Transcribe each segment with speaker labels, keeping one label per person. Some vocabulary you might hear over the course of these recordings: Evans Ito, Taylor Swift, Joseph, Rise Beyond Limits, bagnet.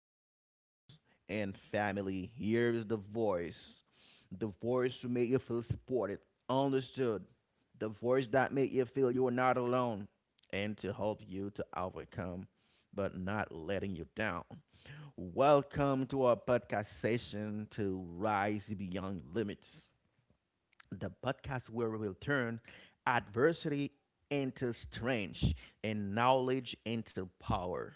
Speaker 1: listeners, and family. Here is the voice to make you feel supported, understood, the voice that make you feel you are not alone, and to help you to overcome, but not letting you down. Welcome to our podcast session to Rise Beyond Limits, the podcast where we will turn adversity into strength and knowledge into power.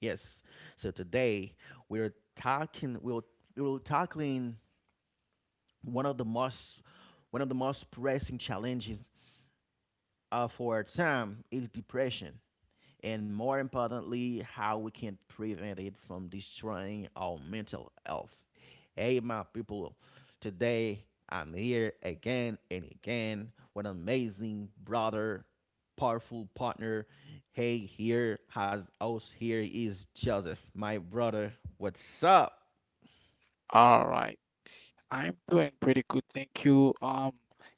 Speaker 1: Yes. So today we're talking we'll we're tackling one of the most one of the most pressing challenges of our time is depression, and more importantly, how we can prevent it from destroying our mental health. Hey, my people, today I'm here again and again with an amazing brother, powerful partner. Hey, here has us here is Joseph, my brother. What's up?
Speaker 2: All right. I'm doing pretty good, thank you.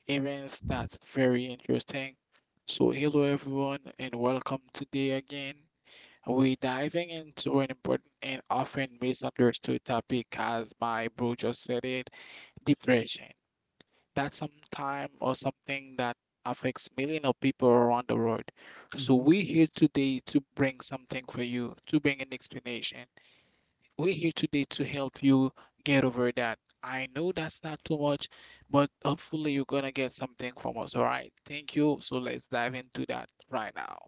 Speaker 2: Events that's very interesting. So hello everyone and welcome today again. We're diving into an important and often misunderstood topic as my bro just said it, depression. That's sometime or something that affects millions of people around the world. So we're here today to bring something for you, to bring an explanation we're here today to help you get over that. I know that's not too much, but hopefully you're gonna get something from us. All right. Thank you. So let's dive into that right now.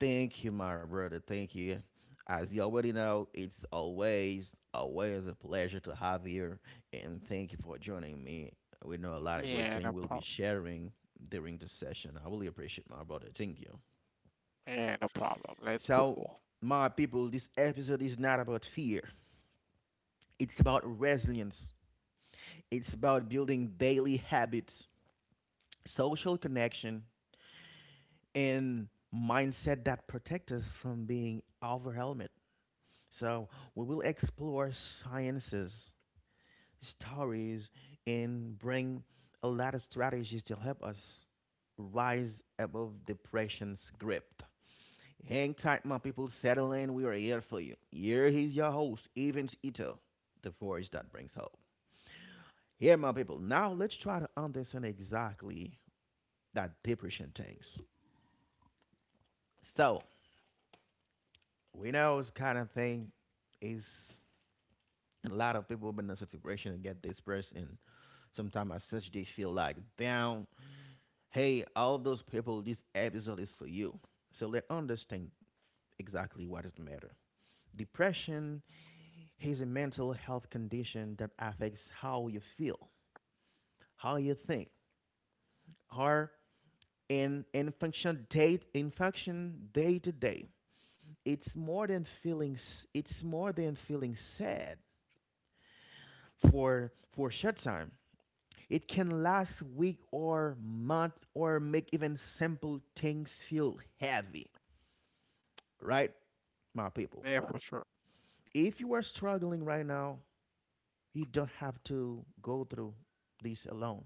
Speaker 1: Thank you, my brother. Thank you. As you already know, it's always a pleasure to have you. And thank you for joining me. We know a lot of great
Speaker 2: Yeah,
Speaker 1: things
Speaker 2: no
Speaker 1: we'll be
Speaker 2: problem.
Speaker 1: sharing during this session. I really appreciate my brother. Thank you.
Speaker 2: Yeah, no problem. Let's
Speaker 1: So,
Speaker 2: go.
Speaker 1: my people, this episode is not about fear, it's about resilience, it's about building daily habits, social connection, and mindset that protect us from being overwhelmed. So we will explore sciences, stories, and bring a lot of strategies to help us rise above depression's grip. Hang tight, my people. Settle in. We are here for you. Here is your host, Evans Ito, the voice that brings hope. Here, my people. Now let's try to understand exactly that depression things. So we know this kind of thing is a lot of people been in a situation and get depressed, and sometimes as such they feel like down. Hey, all those people, this episode is for you. So let understand exactly what is the matter. Depression is a mental health condition that affects how you feel, how you think, or in function day in function day to day. It's more than feeling s- it's more than feeling sad for short time. It can last week or month or make even simple things feel heavy, right, my people?
Speaker 2: Yeah, for sure.
Speaker 1: If you are struggling right now, you don't have to go through this alone.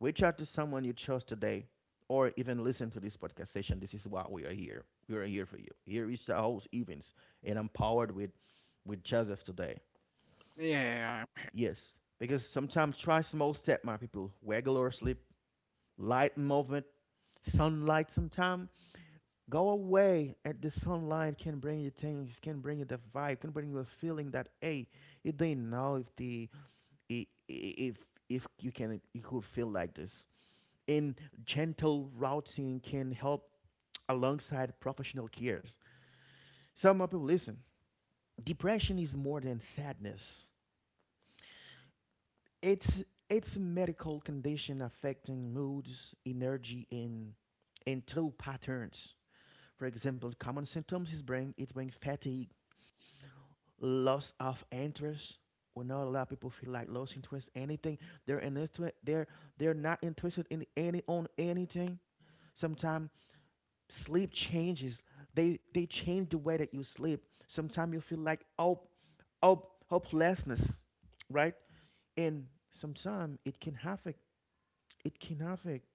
Speaker 1: Reach out to someone you chose today or even listen to this podcast session. This is why we are here. We are here for you. Here is the host Evans, and I'm powered with Joseph today.
Speaker 2: Yeah, I-
Speaker 1: Yes, because sometimes try small step, my people. Regular sleep, light movement, sunlight sometimes. Go away at the sunlight can bring you things, can bring you the vibe, can bring you a feeling that hey, you didn't know if i- i- if if you can you could feel like this. And gentle routing can help alongside professional cares. So my people listen. Depression is more than sadness. It's it's a medical condition affecting moods, energy, and thought patterns. For example, common symptoms is brain fatigue, loss of interest. We know a lot of people feel like lost interest anything. They're in this to They're they're not interested in anything. Sometimes sleep changes. They change the way that you sleep. Sometimes you feel like hopelessness, right? And sometimes it can affect it can affect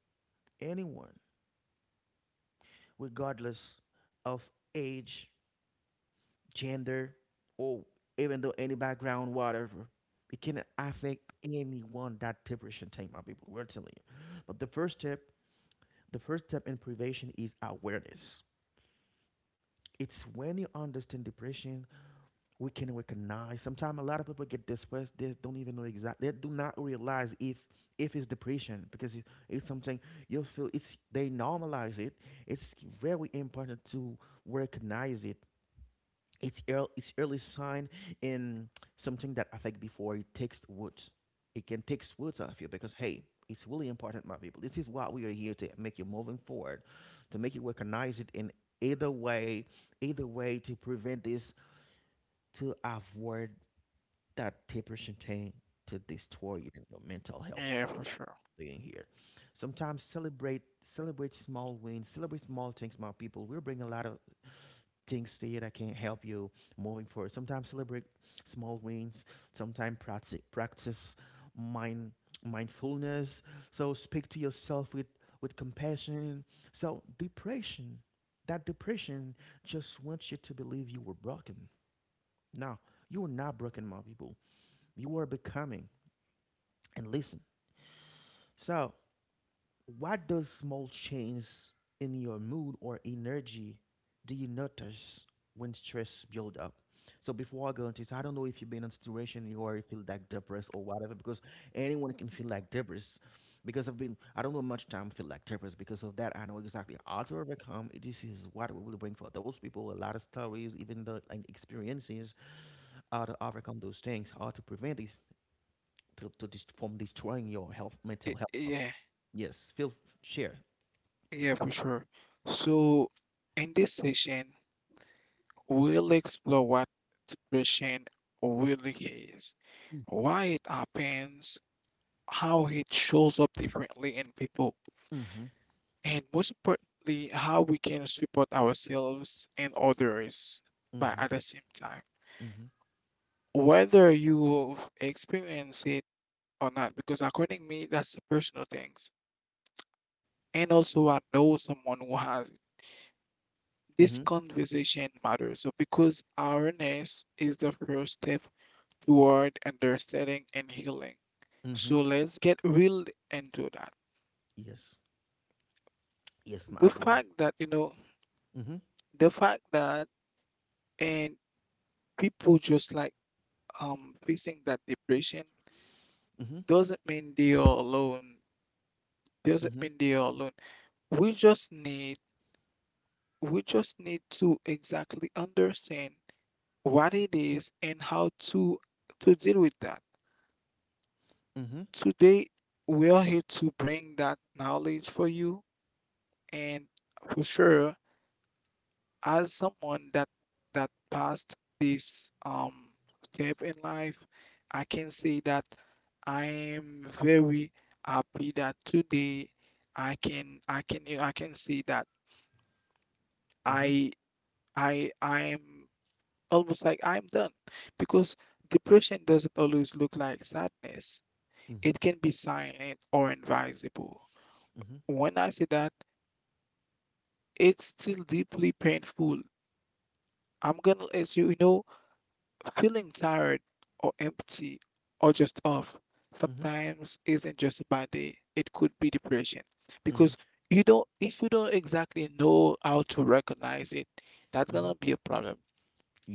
Speaker 1: anyone, regardless of age, gender, or even though any background, whatever. It can affect anyone that depression take, my people. We're telling you. But the first step in prevention is awareness. It's when you understand depression, we can recognize. Sometimes a lot of people get depressed. They don't even know exactly. They do not realize if it's depression because it's something you feel. It's they normalize it. It's very important to recognize it. It's early sign in something that I think before it takes words. It can take words off you because hey, it's really important, my people. This is what we are here to make you moving forward, to make you recognize it in either way, either way to prevent this, to avoid that depression thing to destroy you and your mental health
Speaker 2: yeah, for sure.
Speaker 1: being here. Sometimes celebrate small wins, celebrate small things, my people. We'll bring a lot of things there that can help you moving forward. Sometimes celebrate small wins. Sometimes practice mind mindfulness. So speak to yourself with compassion. So that depression just wants you to believe you were broken. Now you are not broken, my people. You are becoming. And listen. So what does small change in your mood or energy do you notice when stress build up? So before I go into this, I don't know if you've been in a situation you already feel like depressed or whatever, because anyone can feel like depressed. Because I've been, I don't know much time feel like depressed because of that. I know exactly how to overcome. This is what we will bring for those people. A lot of stories, even the like experiences, how to overcome those things, how to prevent this to from destroying your health, mental
Speaker 2: Y-
Speaker 1: health.
Speaker 2: Yeah,
Speaker 1: Yes, feel share.
Speaker 2: yeah, for sure. So, in this session, we'll explore what depression really is, why it happens, how it shows up differently in people,
Speaker 1: Mm-hmm.
Speaker 2: and most importantly, how we can support ourselves and others by
Speaker 1: Mm-hmm.
Speaker 2: at the same time.
Speaker 1: Mm-hmm.
Speaker 2: Whether you've experienced it or not, because according to me, that's a personal things. And also, I know someone who has it.
Speaker 1: Mm-hmm.
Speaker 2: This conversation matters. So, because awareness is the first step toward understanding and healing.
Speaker 1: Mm-hmm.
Speaker 2: So, let's get real into that.
Speaker 1: Yes. Yes, my
Speaker 2: The
Speaker 1: brother.
Speaker 2: fact that, you know,
Speaker 1: Mm-hmm.
Speaker 2: the fact that and people just like facing that depression
Speaker 1: Mm-hmm.
Speaker 2: doesn't mean they are alone. Doesn't
Speaker 1: Mm-hmm.
Speaker 2: mean they are alone. We just need we just need to exactly understand what it is and how to deal with that.
Speaker 1: Mm-hmm.
Speaker 2: Today we are here to bring that knowledge for you and for sure as someone that passed this step in life, I can say that I am very happy that today I can say that
Speaker 1: Mm-hmm.
Speaker 2: I I am almost like I'm done because depression doesn't always look like sadness.
Speaker 1: Mm-hmm.
Speaker 2: It can be silent or invisible.
Speaker 1: Mm-hmm.
Speaker 2: When I say that, it's still deeply painful. I'm gonna let you know. Feeling tired or empty or just off
Speaker 1: Mm-hmm.
Speaker 2: sometimes isn't just a bad day. It could be depression
Speaker 1: Mm-hmm.
Speaker 2: because you don't, if you don't exactly know how to recognize it, that's
Speaker 1: Mm-hmm.
Speaker 2: gonna be a problem.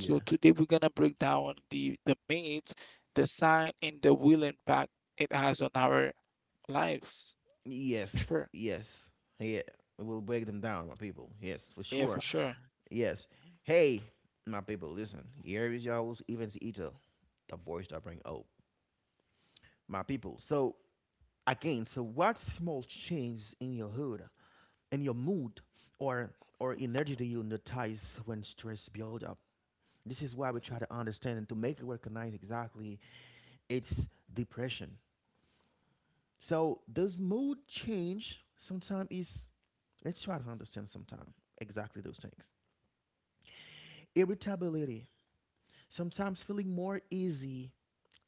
Speaker 2: So today we're gonna break down the myths, the sign, and the will impact it has on our lives.
Speaker 1: Yes.
Speaker 2: For sure.
Speaker 1: Yes. Yeah. We'll break them down, my people. Yes, for
Speaker 2: Yeah, for
Speaker 1: sure.
Speaker 2: sure.
Speaker 1: Yes. Hey, my people, listen. Here is y'all's Evans Eater, the voice that bring hope. My people. So again, so what small change in your hood, in your mood, or energy do you notice when stress builds up? This is why we try to understand and to make it recognize exactly it's depression. So does mood change sometimes is let's try to understand sometimes exactly those things. Irritability, sometimes feeling more easy,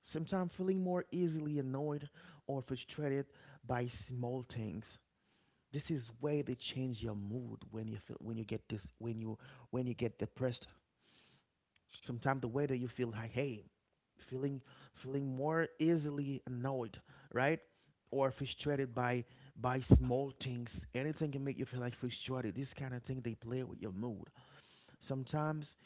Speaker 1: sometimes feeling more easily annoyed or frustrated by small things. This is where they change your mood when you feel when you get this when you get depressed. Sometimes the way that you feel like, hey, feeling feeling more easily annoyed, right? Or frustrated by small things. Anything can make you feel like frustrated. This kind of thing they play with your mood. Sometimes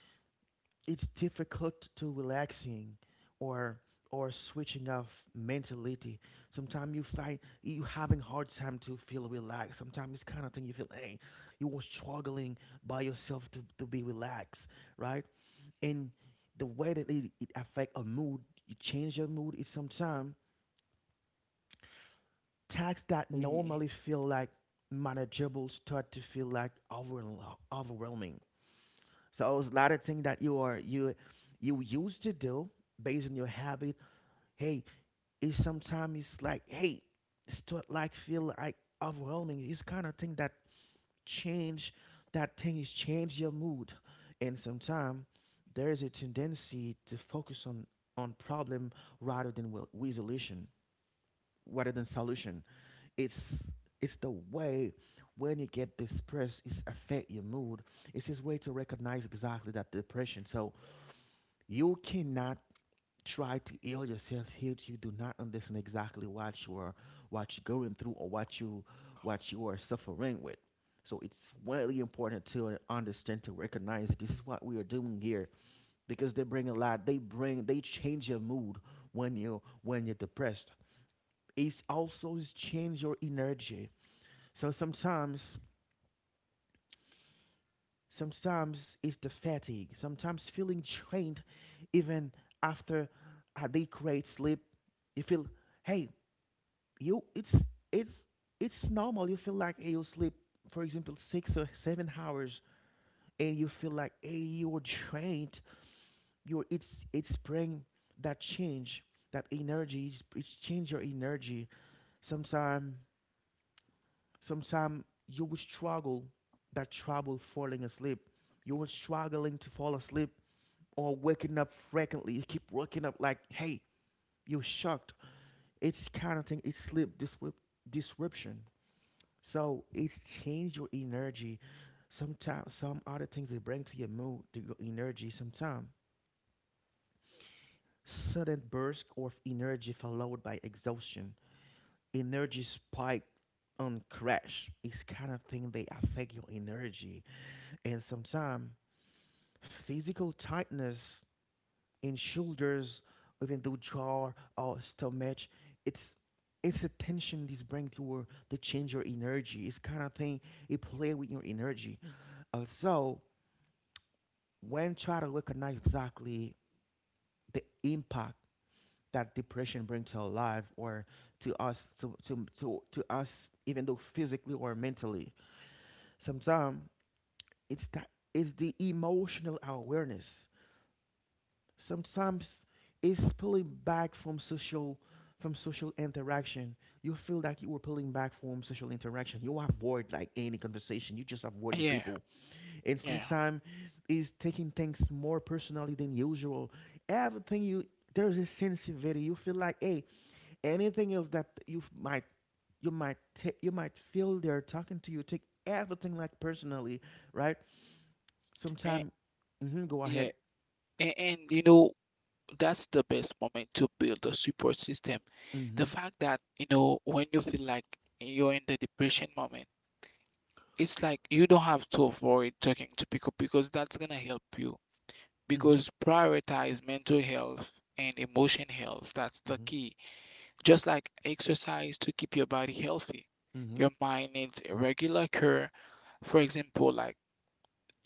Speaker 1: it's difficult to relaxing or switching off mentality. Sometimes you find you having hard time to feel relaxed. Sometimes it's kind of thing you feel, hey, you were struggling by yourself to be relaxed, right? And the way that it affect a mood, you change your mood. It's sometimes tasks that
Speaker 2: Yeah.
Speaker 1: normally feel like manageable start to feel like overwhelming. So it's a lot of things that you are you you used to do based on your habit. Hey, it's sometimes it's like hey, start like feel like overwhelming. It's kind of thing that change, that thing is change your mood. And sometimes there is a tendency to focus on problem rather than solution. it's it's the way when you get depressed it's affect your mood. It's his way to recognize exactly that depression. So you cannot try to heal yourself here you do not understand exactly what you are, what you're going through, or what you are suffering with. So it's really important to understand, to recognize. This is what we are doing here, because they bring a lot, they bring, they change your mood when you're depressed. It also is change your energy. So sometimes it's the fatigue, sometimes feeling drained even after a day great sleep. You feel hey, you it's it's normal. You feel like hey, you sleep for example 6 or 7 hours and you feel like hey, you're drained, you're it's bring that change, that energy. It's change your energy. sometime Sometime you will struggle, that trouble falling asleep, you were struggling to fall asleep, or waking up frequently, you keep waking up like hey, you're shocked. It's kind of thing, it's sleep disrupt disruption. So it's change your energy. Sometimes some other things they bring to your mood, to your energy. Sometimes sudden burst of energy followed by exhaustion, energy spike on crash. It's kind of thing they affect your energy, and sometimes physical tightness in shoulders, even though jaw or stomach. It's it's a tension this bring to her to change your energy. It's kind of thing it play with your energy. Also, when try to recognize exactly the impact that depression brings to our life, or to us, to us, even though physically or mentally. Sometimes it's the emotional awareness. Sometimes it's pulling back from social, from social interaction. You feel like you were pulling back from social interaction, you avoid like any conversation, you just avoiding
Speaker 2: Yeah,
Speaker 1: people. And
Speaker 2: yeah,
Speaker 1: sometimes is taking things more personally than usual. Everything you, there's a sensitivity. You feel like, hey, anything else that you f- might you might you might feel they're talking to you. Take everything like personally, right? Sometimes,
Speaker 2: and
Speaker 1: mm-hmm, go
Speaker 2: yeah,
Speaker 1: ahead.
Speaker 2: and you know that's the best moment to build a support system.
Speaker 1: Mm-hmm.
Speaker 2: The fact that you know when you feel like you're in the depression moment, it's like you don't have to avoid talking to people because that's gonna help you.
Speaker 1: Mm-hmm.
Speaker 2: Because prioritize mental health and emotion health. That's the
Speaker 1: Mm-hmm.
Speaker 2: key. Just like exercise to keep your body healthy, your mind needs a regular care. For example, like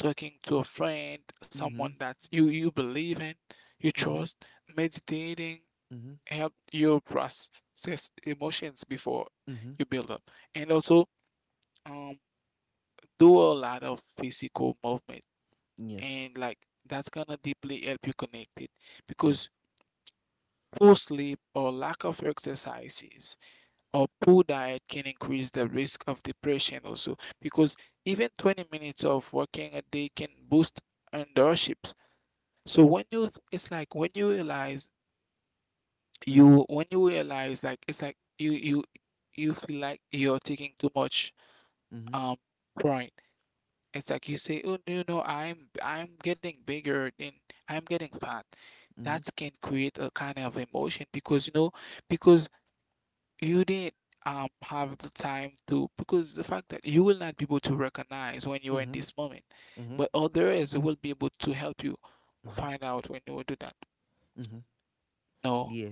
Speaker 2: talking to a friend,
Speaker 1: Mm-hmm.
Speaker 2: someone that you believe in, you
Speaker 1: Mm-hmm. Mm-hmm.
Speaker 2: trust, meditating
Speaker 1: Mm-hmm.
Speaker 2: help you process emotions before
Speaker 1: Mm-hmm.
Speaker 2: you build up. And also um do a lot of physical movement
Speaker 1: Yes.
Speaker 2: and like that's gonna deeply help you connect it
Speaker 1: Yes.
Speaker 2: because poor sleep or lack of exercises or poor diet can increase the risk of depression also because even 20 minutes of walking a day can boost endorphins. So it's like when you realize
Speaker 1: Mm-hmm.
Speaker 2: you when you realize like it's like you you feel like you're taking too much
Speaker 1: Mm-hmm.
Speaker 2: um pride. It's like you say, oh no no, I'm I'm getting bigger and I'm getting fat.
Speaker 1: Mm-hmm.
Speaker 2: That can create a kind of emotion because you know because you didn't have the time to because the fact that you will not be able to recognize when you are in
Speaker 1: Mm-hmm.
Speaker 2: this moment,
Speaker 1: Mm-hmm.
Speaker 2: but others will be able to help you
Speaker 1: Mm-hmm.
Speaker 2: find out when you will do that.
Speaker 1: Mm-hmm.
Speaker 2: No,
Speaker 1: Yeah.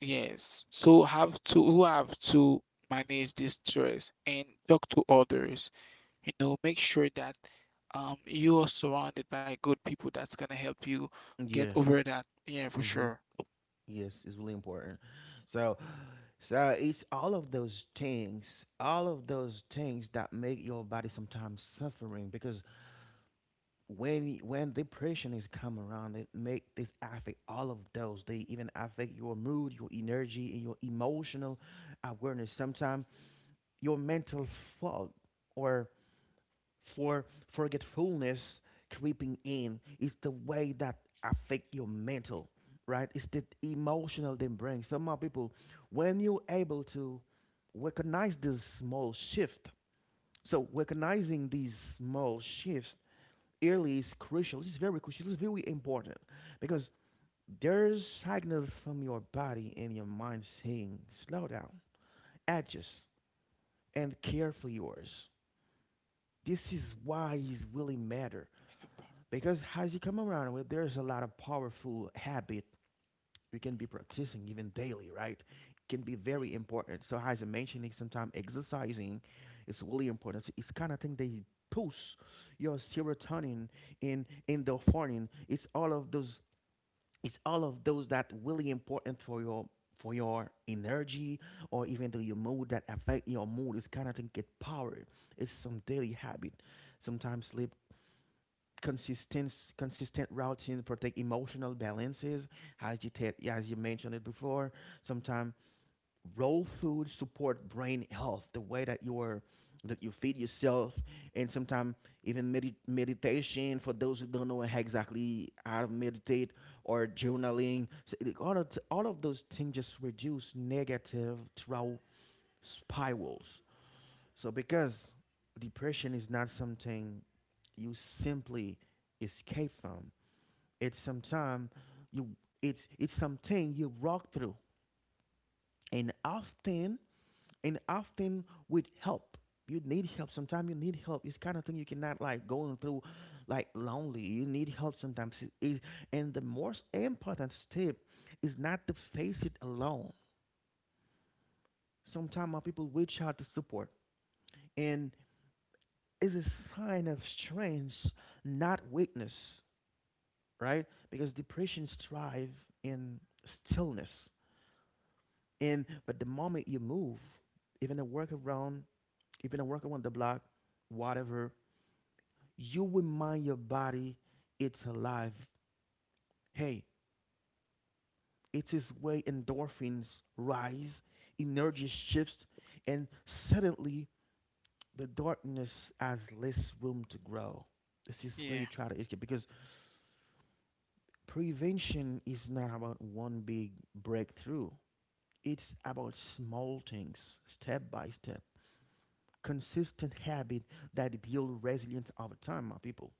Speaker 2: yes. So have to who have to manage this stress and talk to others. You know, make sure that you are surrounded by good people that's gonna help you get
Speaker 1: Yeah.
Speaker 2: over that. Yeah, for
Speaker 1: Mm-hmm.
Speaker 2: sure.
Speaker 1: Yes, it's really important. So, so it's all of those things, all of those things that make your body sometimes suffering because when depression is come around, it make this affect all of those. They even affect your mood, your energy, and your emotional awareness. Sometimes your mental fog or for forgetfulness creeping in is the way that affect your mental, right? It's the emotional they bring some of people when you're able to recognize this small shift, so recognizing these small shifts early is crucial. It's very crucial, it's very important because there's signals from your body and your mind saying slow down, adjust, and care for yours. This is why it really matter. Because as you come around with, there's a lot of powerful habit you can be practicing even daily, right? Can be very important. So as I mentioned, sometimes exercising is really important. So it's kind of thing they push your serotonin and endorphin. It's all of those. It's all of those that really important for your energy, or even to your mood that affect your mood. It's kind of thing get power. It's some daily habit. Sometimes sleep, consistent routines protect emotional balances, yeah, as you mentioned it before. Sometimes raw food support brain health, the way that you are, that you feed yourself, and sometimes even meditation for those who don't know how exactly how to meditate, or journaling. So, like, all of those things just reduce negative trauma spirals. So because depression is not something you simply escape from, it's sometime you, it's something you walk through, and often, and often with help. You need help. Sometimes you need help. It's kind of thing you cannot like going through, like lonely. You need help sometimes. And the most important step is not to face it alone. Sometimes people reach out to support, and it's a sign of strength, not weakness, right? Because depression thrive in stillness. And but the moment you move, even a work around, even a work around the block, whatever, you remind your body it's alive. Hey, it is where endorphins rise, energy shifts, and suddenly the darkness has less room to grow. This is where you
Speaker 2: Yeah.
Speaker 1: try to escape because prevention is not about one big breakthrough. It's about small things, step by step. Consistent habit that build resilience over time, my people.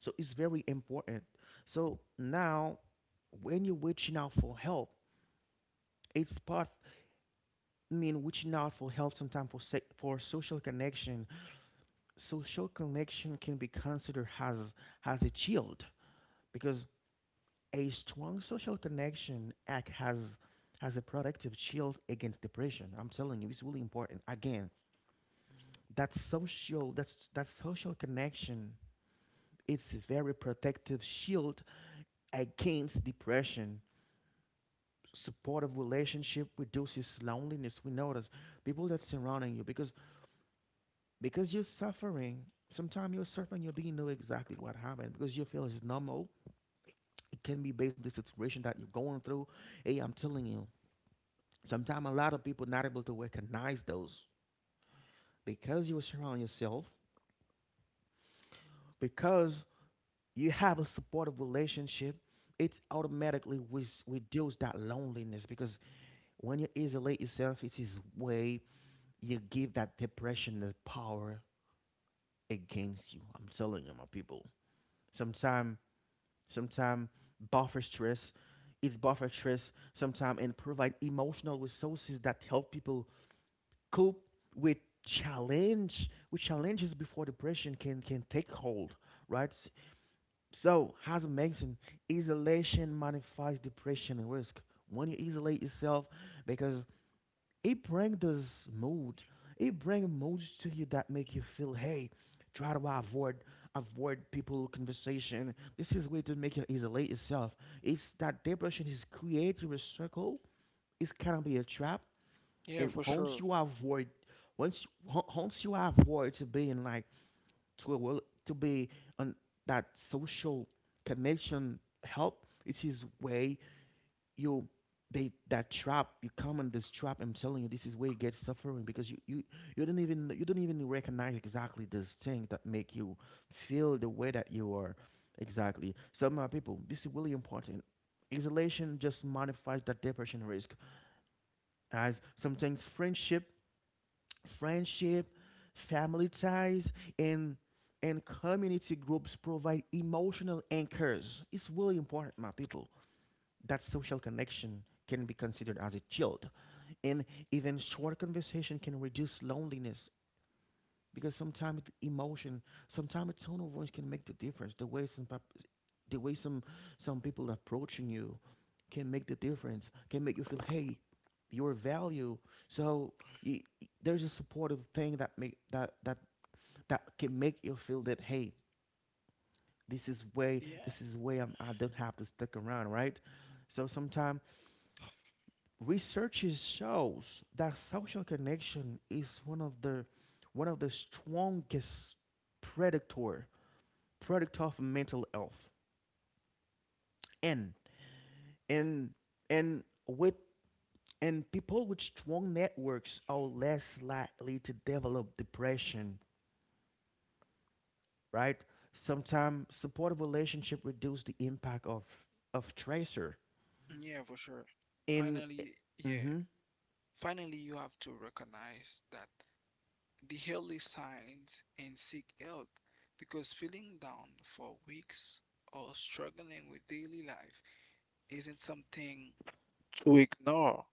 Speaker 1: So it's very important. So now, when you're reaching out for help, it's part. I mean, reaching out for help sometimes for for social connection. Social connection can be considered as a shield, because a strong social connection act has a productive shield against depression. I'm telling you, it's really important. Again, that social connection, it's a very protective shield against depression. Supportive relationship reduces loneliness. We notice people that's surrounding you, because you're suffering. Sometimes you're suffering, you didn't know exactly what happened because you feel it's normal. It can be based on the situation that you're going through. Hey, I'm telling you, sometimes a lot of people not able to recognize those because you surround yourself, because you have a supportive relationship, it's automatically with reduce that loneliness, because when you isolate yourself, it is way you give that depression the power against you. I'm telling you, my people. Sometimes, sometimes buffer stress, is buffer stress. Sometimes, and provide emotional resources that help people cope with challenge, with challenges before depression can take hold. Right. So, as I mentioned, isolation magnifies depression and risk. When you isolate yourself, because it bring this mood, it bring moods to you that make you feel, hey, try to avoid, avoid people conversation. This is way to make you isolate yourself. It's that depression is creating a circle, it's kind of be a trap.
Speaker 2: Yeah,
Speaker 1: And
Speaker 2: for
Speaker 1: once
Speaker 2: sure.
Speaker 1: you avoid, once you avoid to being like, to a world to be on that social connection help, it is way you, they, that trap, you come in this trap. I'm telling you, this is where you get suffering because you don't even, you don't even recognize exactly this thing that make you feel the way that you are exactly. So my people, this is really important. Isolation just modifies that depression risk. As sometimes friendship, friendship, family ties, and and community groups provide emotional anchors. It's really important my people, that social connection can be considered as a shield. And even short conversation can reduce loneliness, because sometimes emotion, sometimes a tone of voice can make the difference. The way the way some people approaching you can make the difference, can make you feel, hey, your value. So there's a supportive thing that make that that, that can make you feel that, hey, this is way,
Speaker 2: Yeah.
Speaker 1: this is way I'm, I don't have to stick around, right? So sometimes research shows that social connection is one of the, one of the strongest predictor predict of mental health. And and and with, and people with strong networks are less likely to develop depression, right? Sometimes supportive relationship reduce the impact of tracer.
Speaker 2: Yeah, for sure.
Speaker 1: In
Speaker 2: Finally, yeah.
Speaker 1: mm-hmm,
Speaker 2: Finally, you have to recognize that the early signs and seek help because feeling down for weeks or struggling with daily life isn't something to ignore.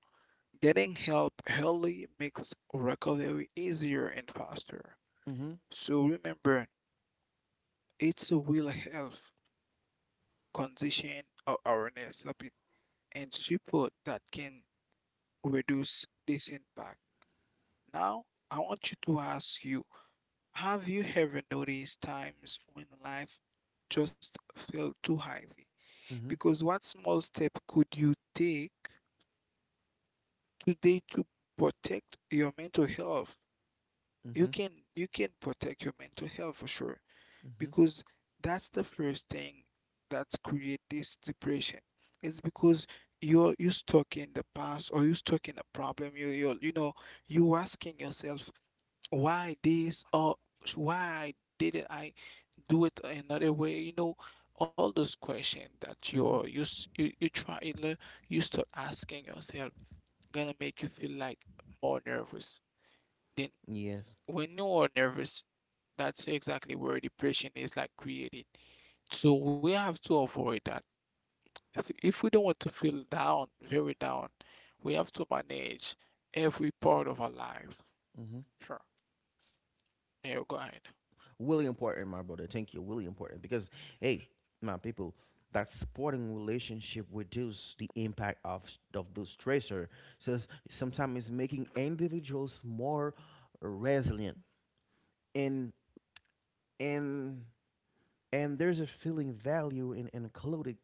Speaker 2: Getting help early makes recovery easier and faster.
Speaker 1: mm-hmm,
Speaker 2: So remember, it's a will health condition of awareness of it, and support that can reduce this impact. Now, I want you to ask you, have you ever noticed times when life just felt too heavy?
Speaker 1: mm-hmm,
Speaker 2: Because what small step could you take today to protect your mental health? You
Speaker 1: mm-hmm,
Speaker 2: can you can protect your mental health for sure
Speaker 1: mm-hmm,
Speaker 2: because that's the first thing that create this depression. It's because you stuck in the past or you stuck in a problem. You know you asking yourself why this or why didn't I do it another way, you know, all those questions that
Speaker 1: mm-hmm,
Speaker 2: you learn, you start asking yourself gonna make you feel like more nervous, then
Speaker 1: yes.
Speaker 2: when you are nervous that's exactly where depression is like created. So we have to avoid that. If we don't want to feel down, very down, we have to manage every part of our life.
Speaker 1: Mm-hmm.
Speaker 2: Sure. Yeah, go ahead.
Speaker 1: Really important, my brother. Thank you. Really important because, hey, my people, that supporting relationship reduce the impact of the stressor. So sometimes it's making individuals more resilient, and and and there's a feeling value in including.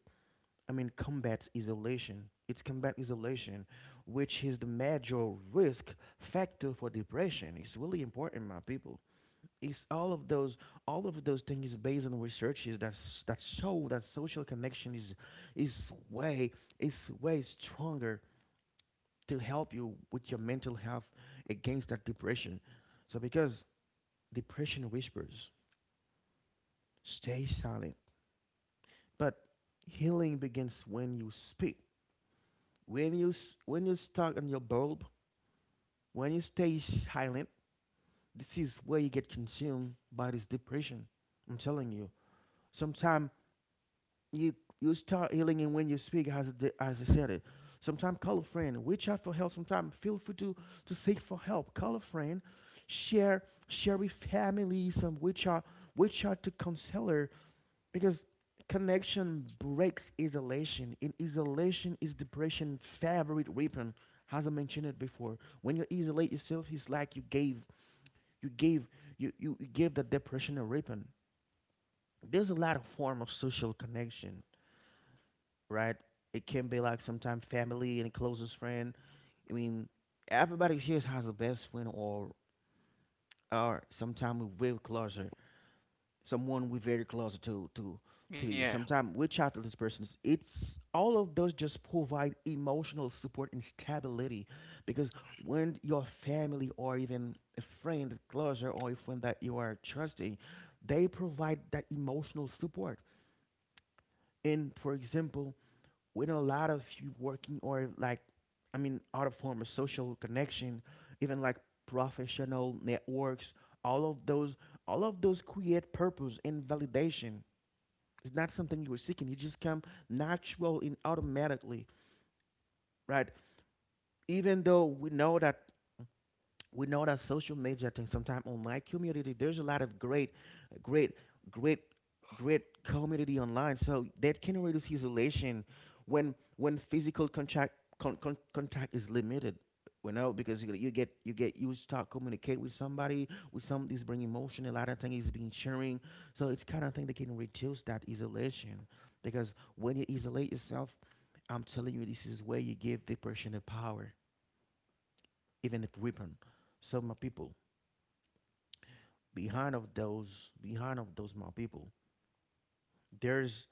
Speaker 1: I mean, combats isolation. It's combat isolation, which is the major risk factor for depression. It's really important, my people. It's all of those, all of those things based on researches that that show that social connection is way, is way stronger to help you with your mental health against that depression. So because depression whispers, stay silent. But healing begins when you speak. When you when you stuck on your bulb, when you stay silent, this is where you get consumed by this depression. I'm telling you. Sometimes you, you start healing and when you speak, as I as I said it. Sometimes call a friend, reach out for help. Sometimes feel free to seek for help. Call a friend, share with family. Some reach out to counselor, because connection breaks isolation. In isolation is depression favorite weapon. As I mentioned it before, when you isolate yourself, it's like you gave, you gave, you gave the depression a weapon. There's a lot of form of social connection, right? It can be like sometimes family and closest friend. I mean, everybody here has a best friend or sometimes we're closer. Someone we're very closer to to
Speaker 2: Yeah,
Speaker 1: you. Sometimes we chat to this person. It's all of those just provide emotional support and stability, because when your family or even a friend closer or a friend that you are trusting, they provide that emotional support. And for example, with a lot of you working or like, I mean other form of social connection, even like professional networks, all of those, all of those create purpose and validation. It's not something you were seeking, it just come natural and automatically, right? Even though we know that, we know that social media thing, sometimes on my community there's a lot of great, great, great, great community online, so that can reduce isolation when physical contact contact is limited. You know, because you get, you get, you start communicate with somebody with some is bring emotion, a lot of things is being sharing, so it's kind of thing that can reduce that isolation. Because when you isolate yourself, I'm telling you, this is where you give depression a power, even if weapon. So my people, behind of those, behind of those my people, there's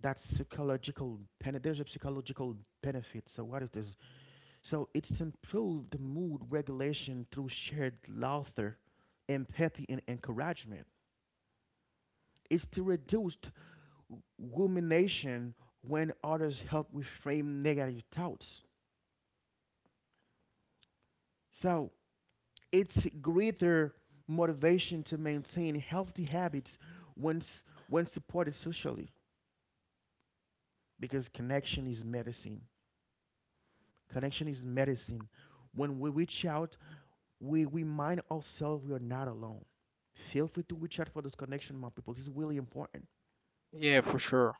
Speaker 1: that psychological pen, there's a psychological benefit. So what it is, so it's improved the mood regulation through shared laughter, empathy and encouragement. It's to reduce rumination when others help reframe negative thoughts. So it's greater motivation to maintain healthy habits when when supported socially, because connection is medicine. Connection is medicine. When we reach out, we remind ourselves we are not alone. Feel free to reach out for this connection, my people. This is really important.
Speaker 2: yeah, for sure.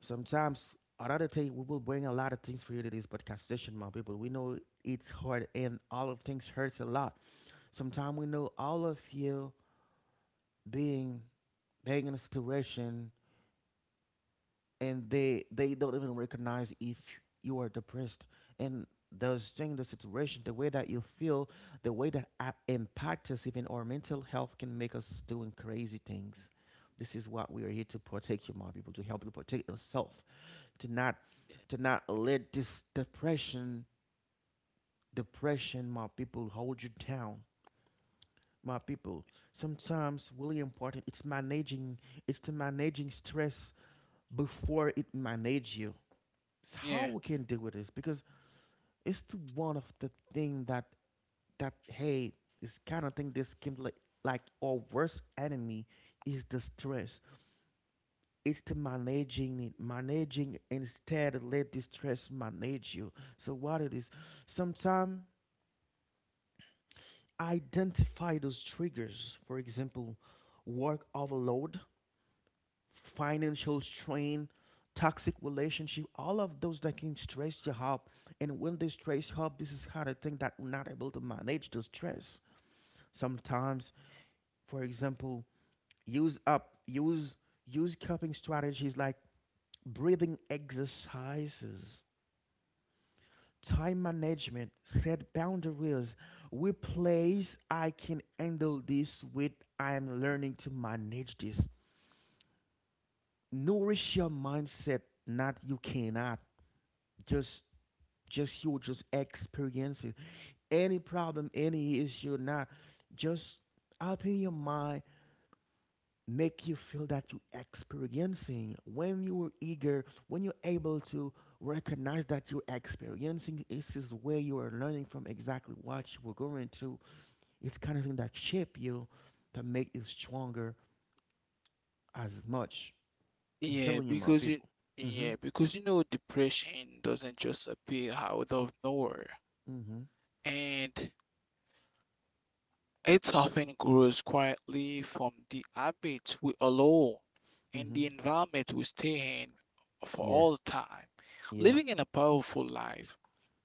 Speaker 1: Sometimes, another thing, we will bring a lot of things for you to this podcast session, my people. We know it's hard and all of things hurts a lot. Sometimes we know all of you being being in a situation, and they don't even recognize if you are depressed, and those things, the situation, the way that you feel, the way that impact us, even our mental health, can make us doing crazy things. This is what we are here to protect you, my people, to help you protect yourself, to not let this depression, my people, hold you down, my people. Sometimes, really important, it's managing, it's to managing stress before it manage you.
Speaker 2: Yeah,
Speaker 1: How we can deal with this? Because it's the one of the thing that hey, this kind of thing, this can like our worst enemy is the stress. It's the managing it, managing instead let the stress manage you. So what it is, sometimes, identify those triggers, for example, work overload, financial strain, toxic relationship, all of those that can stress you up. And when they stress you up, this is kind of thing that we're not able to manage the stress. Sometimes, for example, use up use use coping strategies like breathing exercises, time management, set boundaries. Replace I can handle this with I am learning to manage this. Nourish your mindset, not you cannot. Just just you just experience it. Any problem, any issue, not just open your mind, make you feel that you experiencing. When you are eager, when you're able to recognize that you're experiencing, this is where you are learning from exactly what you were going through. It's kind of thing that shape you, that make you stronger as much. I'm
Speaker 2: yeah,
Speaker 1: telling you, my
Speaker 2: because you,
Speaker 1: people. Mm-hmm.
Speaker 2: yeah, because you know, depression doesn't just appear out of nowhere,
Speaker 1: Mm-hmm.
Speaker 2: and it often grows quietly from the habits we allow and
Speaker 1: Mm-hmm.
Speaker 2: the environment we stay in for
Speaker 1: Yeah.
Speaker 2: all time.
Speaker 1: Yeah.
Speaker 2: Living in a powerful life,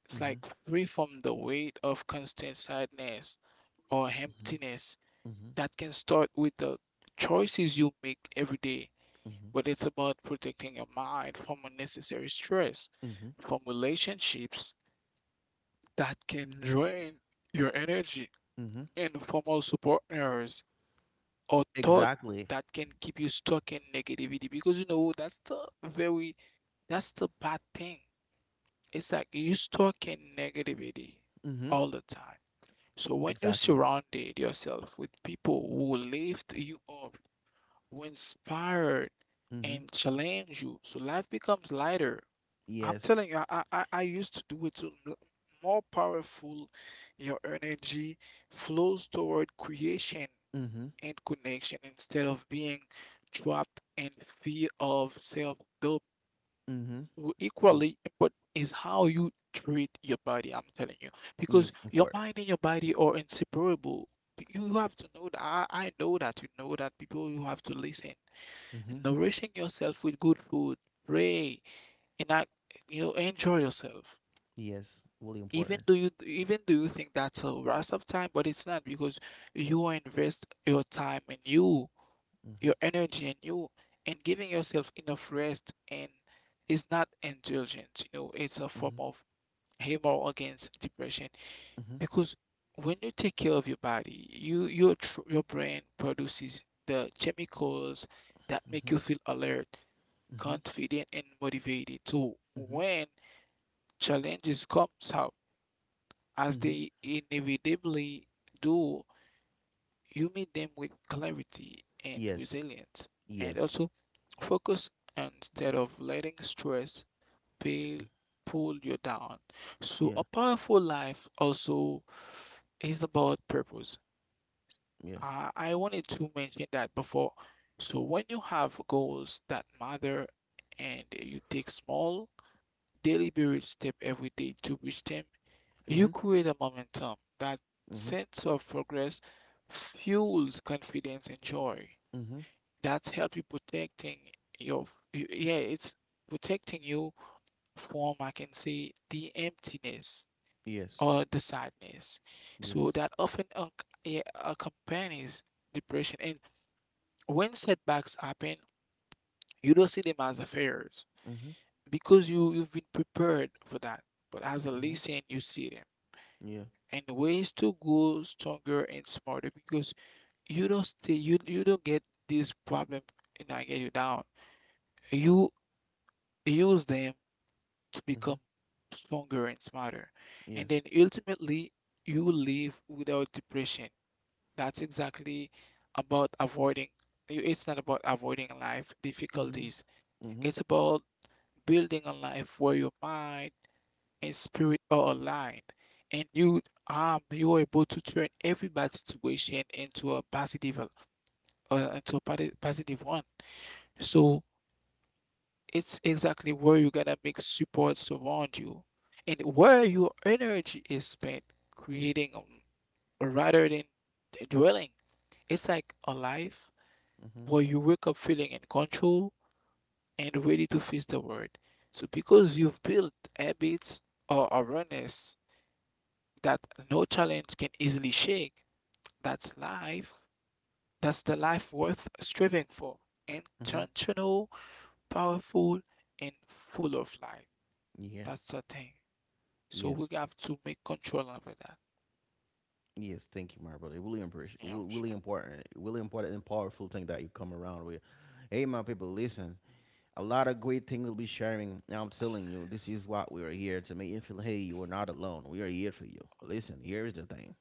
Speaker 2: it's
Speaker 1: Mm-hmm.
Speaker 2: like free from the weight of constant sadness or
Speaker 1: Mm-hmm.
Speaker 2: emptiness
Speaker 1: Mm-hmm.
Speaker 2: that can start with the choices you make every day.
Speaker 1: Mm-hmm.
Speaker 2: But it's about protecting your mind from unnecessary stress,
Speaker 1: Mm-hmm.
Speaker 2: from relationships that can drain your energy,
Speaker 1: Mm-hmm.
Speaker 2: and from also partners or thought
Speaker 1: Exactly.
Speaker 2: that can keep you stuck in negativity because you know that's the very that's the bad thing. It's like you stuck in negativity
Speaker 1: Mhm.
Speaker 2: all the time. So when you
Speaker 1: Exactly.
Speaker 2: surrounded yourself with people who lift you up, who inspired
Speaker 1: Mhm.
Speaker 2: and challenge you, so life becomes lighter. I'm
Speaker 1: Yes.
Speaker 2: telling you, I used to do it to more powerful. Your energy flows toward creation
Speaker 1: Mhm.
Speaker 2: and connection instead of being trapped in fear of self doubt.
Speaker 1: Mhm. W-
Speaker 2: Equally important is how you treat your body, I'm telling you, because
Speaker 1: It's
Speaker 2: your
Speaker 1: important.
Speaker 2: mind and your body are inseparable. You have to know that I know that you know that people you have to listen and
Speaker 1: Mhm.
Speaker 2: nourishing yourself with good food, pray, and act, you know, enjoy yourself.
Speaker 1: Yes. Really important.
Speaker 2: Even do you think that's a waste of time, but it's not because you invest your time in you,
Speaker 1: Mhm.
Speaker 2: your energy, and you and giving yourself enough rest, and is not indulgence, you know, it's a form
Speaker 1: Mhm.
Speaker 2: of hammer against depression
Speaker 1: Mhm.
Speaker 2: because when you take care of your body your brain produces the chemicals that make
Speaker 1: Mhm.
Speaker 2: you feel alert,
Speaker 1: Mhm.
Speaker 2: confident and motivated. So
Speaker 1: Mhm.
Speaker 2: when challenges comes out, as
Speaker 1: Mhm.
Speaker 2: they inevitably do, you meet them with clarity and
Speaker 1: Yes.
Speaker 2: resilience, and
Speaker 1: Yes.
Speaker 2: also focus instead of letting stress pale, pull you down. So, a
Speaker 1: Yeah.
Speaker 2: powerful life also is about purpose.
Speaker 1: Yeah.
Speaker 2: I wanted to mention that before. So, when you have goals that matter and you take small, deliberate step every day to reach them, you
Speaker 1: Mhm.
Speaker 2: create a momentum. That
Speaker 1: Mhm.
Speaker 2: sense of progress fuels confidence and joy.
Speaker 1: Mhm.
Speaker 2: That's help you protecting your, yeah, it's protecting you from, I can say, the emptiness
Speaker 1: Yes.
Speaker 2: or the sadness.
Speaker 1: Yes.
Speaker 2: So that often unc yeah, accompanies depression. And when setbacks happen, you don't see them as affairs
Speaker 1: Mhm.
Speaker 2: because you've been prepared for that. But as a
Speaker 1: Mhm.
Speaker 2: lesson, you see them,
Speaker 1: Yeah.
Speaker 2: and ways to go stronger and smarter because you don't get this problem and I get you down. You use them to become
Speaker 1: Mhm.
Speaker 2: stronger and smarter. And then
Speaker 1: Yes.
Speaker 2: ultimately you live without depression. That's exactly about avoiding, it's not about avoiding life
Speaker 1: Mhm.
Speaker 2: difficulties.
Speaker 1: Mhm.
Speaker 2: It's about building a life where your mind in spirit are aligned and you you're able to turn every bad situation into a positive positive one. So it's exactly where you're gonna make supports around you and where your energy is spent creating rather than dwelling. It's like a life
Speaker 1: Mhm.
Speaker 2: where you wake up feeling in control and ready to face the world so because you've built habits or awareness that no challenge can easily shake. That's life. That's the life worth striving for.
Speaker 1: Mhm.
Speaker 2: Intentional, powerful, and full of life.
Speaker 1: Yeah.
Speaker 2: That's the thing. So we
Speaker 1: Yes.
Speaker 2: have to make control over that.
Speaker 1: Yes. Thank you, my brother. Really, appreciate,
Speaker 2: Yeah, for
Speaker 1: really,
Speaker 2: sure.
Speaker 1: really important and powerful thing that you come around with. Hey, my people, listen. A lot of great things will be sharing, and I'm telling you, this is what we are here to make you feel. Hey, you are not alone. We are here for you. Listen, here is the thing.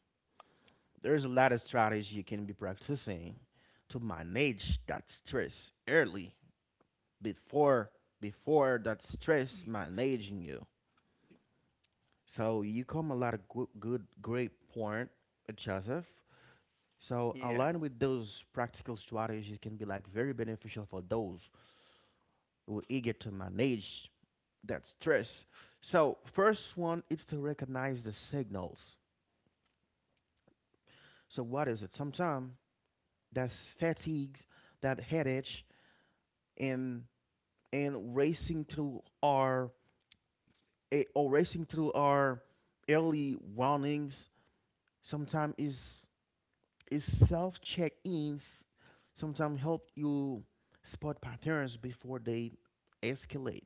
Speaker 1: There's a lot of strategies you can be practicing to manage that stress early, before that stress
Speaker 2: Mm.
Speaker 1: managing you. So you come a lot of good great point, Joseph. So
Speaker 2: Yeah.
Speaker 1: aligned with those practical strategies can be like very beneficial for those who are eager to manage that's stress. So first one is to recognize the signals. So what is it? Sometimes that's fatigue, that headache, and racing through our eh, or racing through our early warnings. Sometimes is self check ins. Sometimes help you spot patterns before they escalate.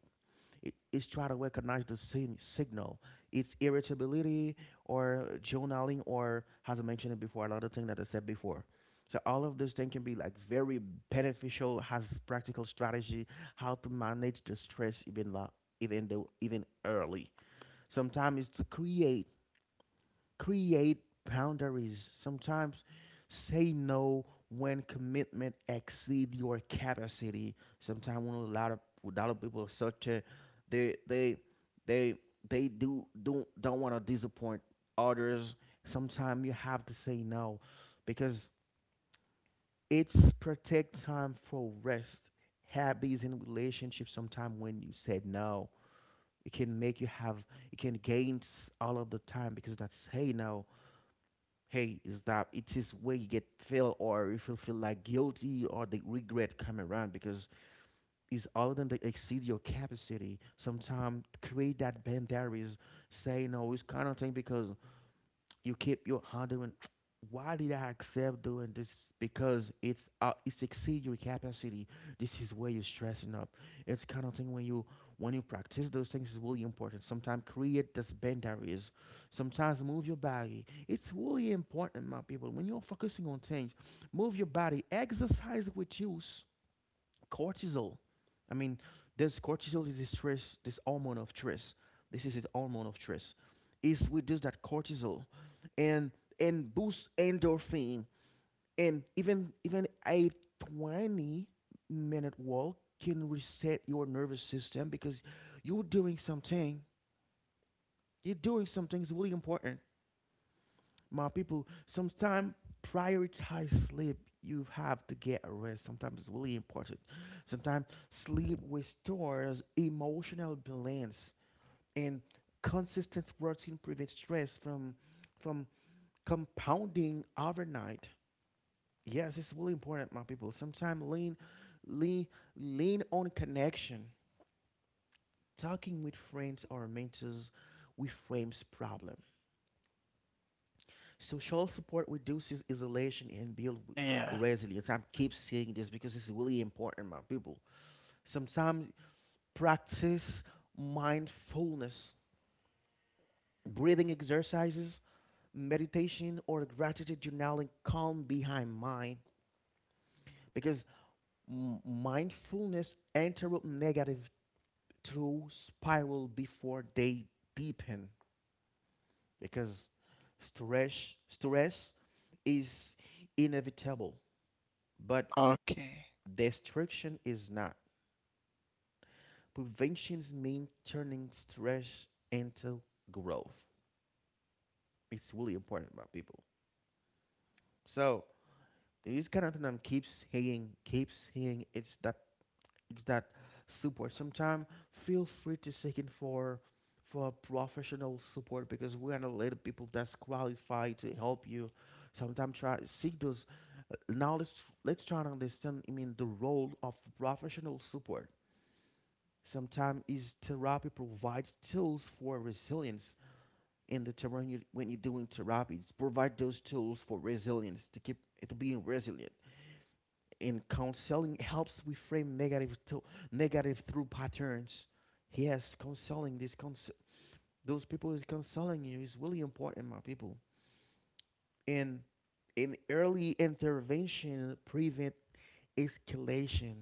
Speaker 1: It is try to recognize the signal. It's irritability or journaling or, as I mentioned it before, a lot of things that I said before. So all of this thing can be like very beneficial, has practical strategy how to manage the stress even even though even early. Sometimes it's to create boundaries. Sometimes say no when commitment exceed your capacity. Sometimes when a lot of people, such a they they they they do don't want to disappoint others. Sometimes you have to say no because it's protect time for rest, habits and relationships. Sometimes when you said no, it can make you have, it can gain all of the time, because that's say no. Hey, is that it is where you get feel, or if you feel like guilty or the regret come around because it's all than that exceed your capacity. Sometimes create that boundaries, say no, it's kind of thing, because you keep your hand doing, why did I accept doing this, because it's exceed your capacity. This is where you're stressing up. It's kind of thing when you, when you practice those things, is really important. Sometimes create those boundaries, sometimes move your body. It's really important, my people. When you're focusing on things, move your body, exercise with use cortisol. I mean, this cortisol is a stress, this hormone of stress. This is its hormone of stress. It's with just that cortisol, and boosts endorphin, and even a 20-minute walk can reset your nervous system because you're doing something. You're doing something is really important, my people. Sometimes prioritize sleep, you have to get a rest, sometimes it's really important. Sometimes sleep restores emotional balance, and consistent routine prevents stress from from compounding overnight. Yes, it's really important, my people. Sometimes lean lean on connection, talking with friends or mentors, reframes problem. Social support reduces isolation and build
Speaker 2: Yeah.
Speaker 1: resilience. I keep saying this because it's really important, my people. Sometimes practice mindfulness, breathing exercises, meditation, or gratitude journaling. Calm behind mind, because mindfulness interrupt negative through spiral before they deepen. Because stress is inevitable, but
Speaker 2: Okay.
Speaker 1: destruction is not. Preventions mean turning stress into growth. It's really important about people. So this kind of thing I'm keep saying. It's that support. Sometimes feel free to seek in for professional support, because we are not little people that's qualified to help you. Sometimes try seek those. Now let's try to understand. I mean the role of professional support. Sometimes is therapy provides tools for resilience. In the terrain you, when you're doing therapies, provide those tools for resilience to keep it being resilient. In counseling helps we frame negative to negative through patterns. Yes, counseling, this those people is counseling you, is really important, my people. And in early intervention prevent escalation,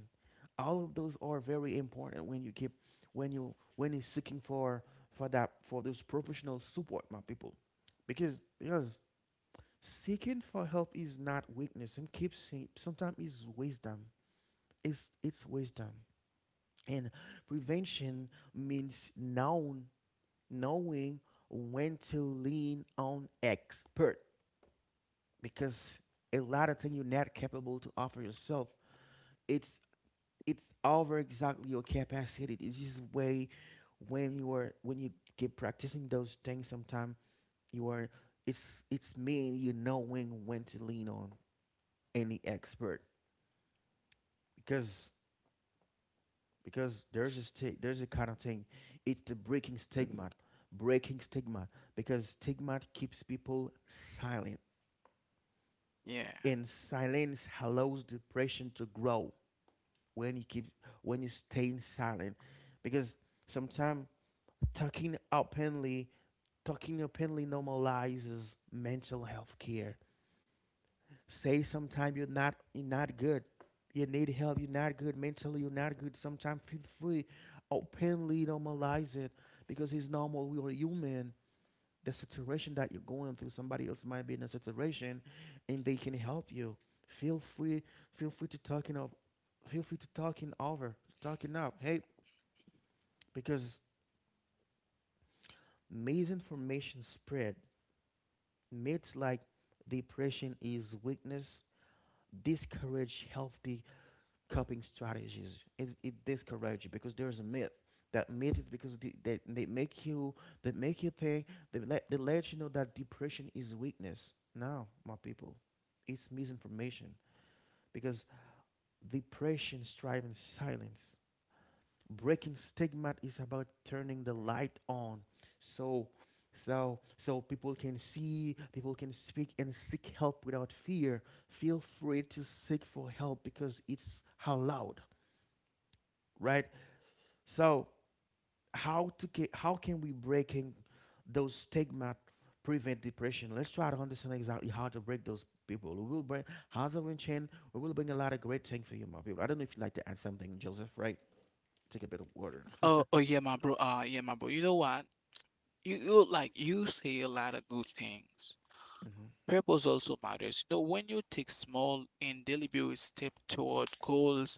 Speaker 1: all of those are very important when you keep, when you, when you're seeking for that, for those professional support, my people. Because seeking for help is not weakness, and keep saying, sometimes it's wisdom, it's wisdom. And prevention means known knowing when to lean on expert, because a lot of things you're not capable to offer yourself, it's it's over exactly your capacity. This is way, when you are, when you keep practicing those things, sometimes you are, it's mean you knowing when to lean on any expert. Because there's a there's a kind of thing. It's the breaking stigma, because stigma keeps people silent,
Speaker 2: Yeah.
Speaker 1: and silence allows depression to grow. When you keep, when you stay silent, because sometimes talking openly talking openly normalizes mental health care. Say sometimes you're not, you're not good. You need help. You're not good mentally. You're not good. Sometimes feel free, openly normalize it, because it's normal. We are human. The situation that you're going through, somebody else might be in a situation, and they can help you. Feel free. Feel free to talking of. Feel free to talking over, talking up. Hey, because misinformation spread myths like depression is weakness, discourage healthy coping strategies. It discourages because there's a myth. That myth is because they make you, think, they let you know that depression is weakness. No, my people, it's misinformation, because depression strives in silence. Breaking stigma is about turning the light on, so people can see, people can speak and seek help without fear. Feel free to seek for help because it's allowed, right? So how to how can we breaking those stigma, prevent depression? Let's try to understand exactly how to break those. People, we will bring house of Chen, we will bring a lot of great things for you, my people. I don't know if you'd like to add something, Joseph, right? Take a bit of water.
Speaker 2: Yeah, my bro. You know what? You like you say a lot of good things.
Speaker 1: Hmm.
Speaker 2: Purpose also matters. You know, when you take small and deliberate steps toward goals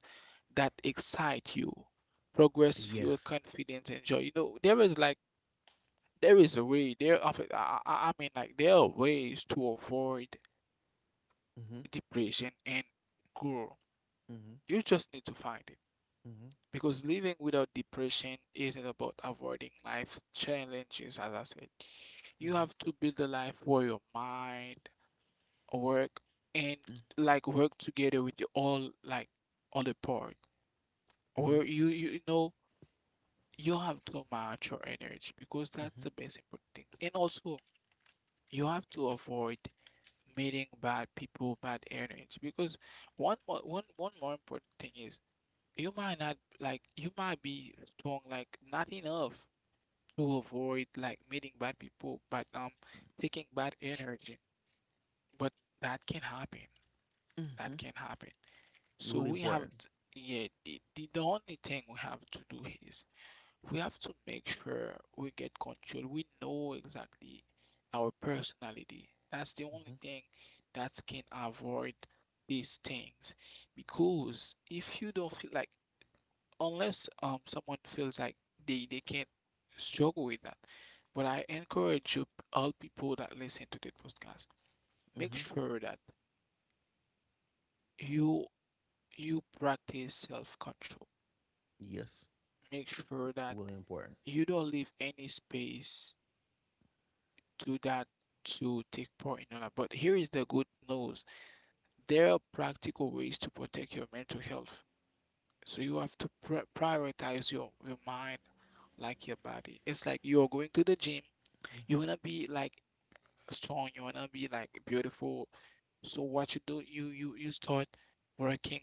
Speaker 2: that excite you, progress, fuel,
Speaker 1: Yes.
Speaker 2: confidence, and joy. You know, there is like there is a way. There of I mean, like there are ways to avoid
Speaker 1: Mhm,
Speaker 2: depression and grow.
Speaker 1: mhm,
Speaker 2: You just need to find it
Speaker 1: mhm,
Speaker 2: because living without depression isn't about avoiding life challenges, as I said. You
Speaker 1: mhm,
Speaker 2: have to build a life where your mind work and
Speaker 1: mm,
Speaker 2: like work together with the all like other part
Speaker 1: mhm,
Speaker 2: where you know you have to match your energy because that's
Speaker 1: mhm,
Speaker 2: the best important thing. And also you have to avoid meeting bad people, bad energy, because one more important thing is you might not like you might be strong like not enough to avoid like meeting bad people but taking bad energy, but that can happen. That
Speaker 1: mhm.
Speaker 2: can happen. So
Speaker 1: Really
Speaker 2: we have,
Speaker 1: important.
Speaker 2: yeah, the only thing we have to do is we have to make sure we get control. We know exactly our personality. That's the only
Speaker 1: Mhm,
Speaker 2: thing that can avoid these things. Because if you don't feel like, unless someone feels like they can't struggle with that, but I encourage you, all people that listen to the podcast, make
Speaker 1: mhm.
Speaker 2: sure that you you practice self-control.
Speaker 1: Yes,
Speaker 2: Make sure that
Speaker 1: really important.
Speaker 2: you don't leave any space to that, to take part in all that. But here is the good news. There are practical ways to protect your mental health. So you have to prioritize your mind like your body. It's like you're going to the gym, you
Speaker 1: Mhm,
Speaker 2: wanna be like strong, you wanna be like beautiful. So what you do, you start working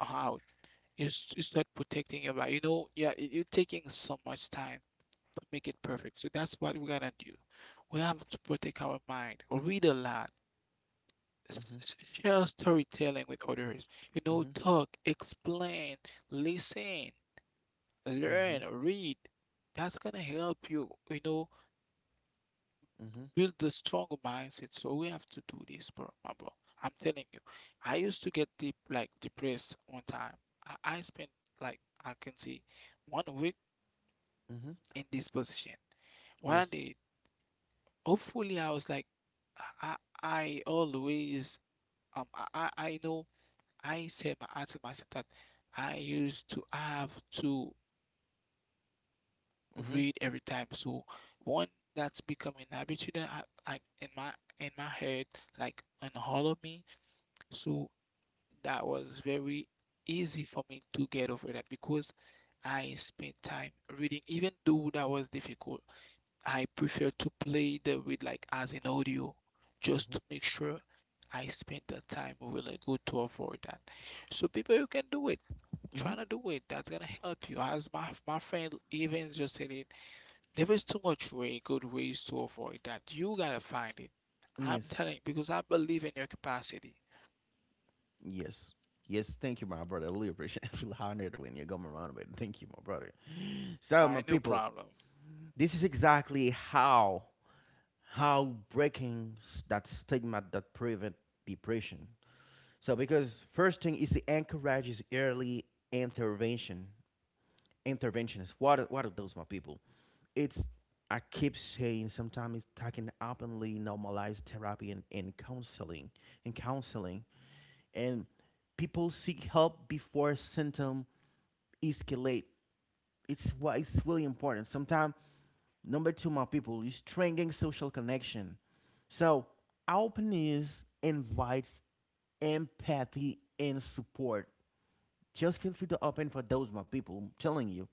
Speaker 2: out. You, you start protecting your body. You know, yeah, you're taking so much time to make it perfect. So that's what we gotta do. We have to protect our mind, read a lot,
Speaker 1: mhm,
Speaker 2: share storytelling with others, you know,
Speaker 1: mhm,
Speaker 2: talk, explain, listen, learn,
Speaker 1: mhm,
Speaker 2: read. That's gonna help you, you know,
Speaker 1: mhm,
Speaker 2: build the strong mindset. So we have to do this, bro, my bro. I'm telling you, I used to get deep, like depressed one time. I spent like I can see 1 week
Speaker 1: mhm.
Speaker 2: in this position. What I
Speaker 1: Yes.
Speaker 2: did, hopefully, I was like, I, I I always, I know, I said, I told myself that I used to have to
Speaker 1: Mhm,
Speaker 2: read every time. So one, that's becoming an habit that in my head, like in all of me. So that was very easy for me to get over that because I spent time reading, even though that was difficult. I prefer to play the with like as an audio just
Speaker 1: mhm,
Speaker 2: to make sure I spend the time really good to avoid that. So people, you can do it.
Speaker 1: mhm.
Speaker 2: Try to do it. That's gonna help you. As my friend even just said it, there is too much way good ways to avoid that. You gotta find it. I'm
Speaker 1: Yes,
Speaker 2: telling because I believe in your capacity.
Speaker 1: yes, yes. Thank you, my brother. I really appreciate. I feel honored when you come around with. Thank you, my brother. So, my
Speaker 2: I no
Speaker 1: people,
Speaker 2: problem.
Speaker 1: this is exactly how breaking that stigma that prevent depression. So because first thing is the encourage is early intervention. Interventions. What are those, my people? It's, I keep saying, sometimes it's talking openly, normalized therapy and counseling, and counseling and people seek help before symptom escalate. It's what it's really important. Sometimes number two, my people, is strengthening social connection. So openness invites empathy and support. Just feel free to open for those, my people. I'm telling you,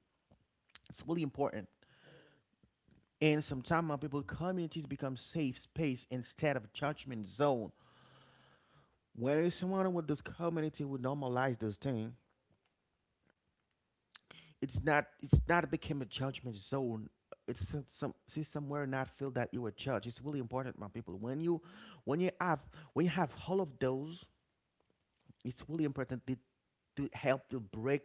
Speaker 1: it's really important. And sometimes, my people, communities become safe space instead of judgment zone. When you surrounded with this community will normalize this thing. It's not became a judgment zone. It's some see somewhere not feel that you were judged. It's really important, my people, when you have when you have all of those, it's really important to help to break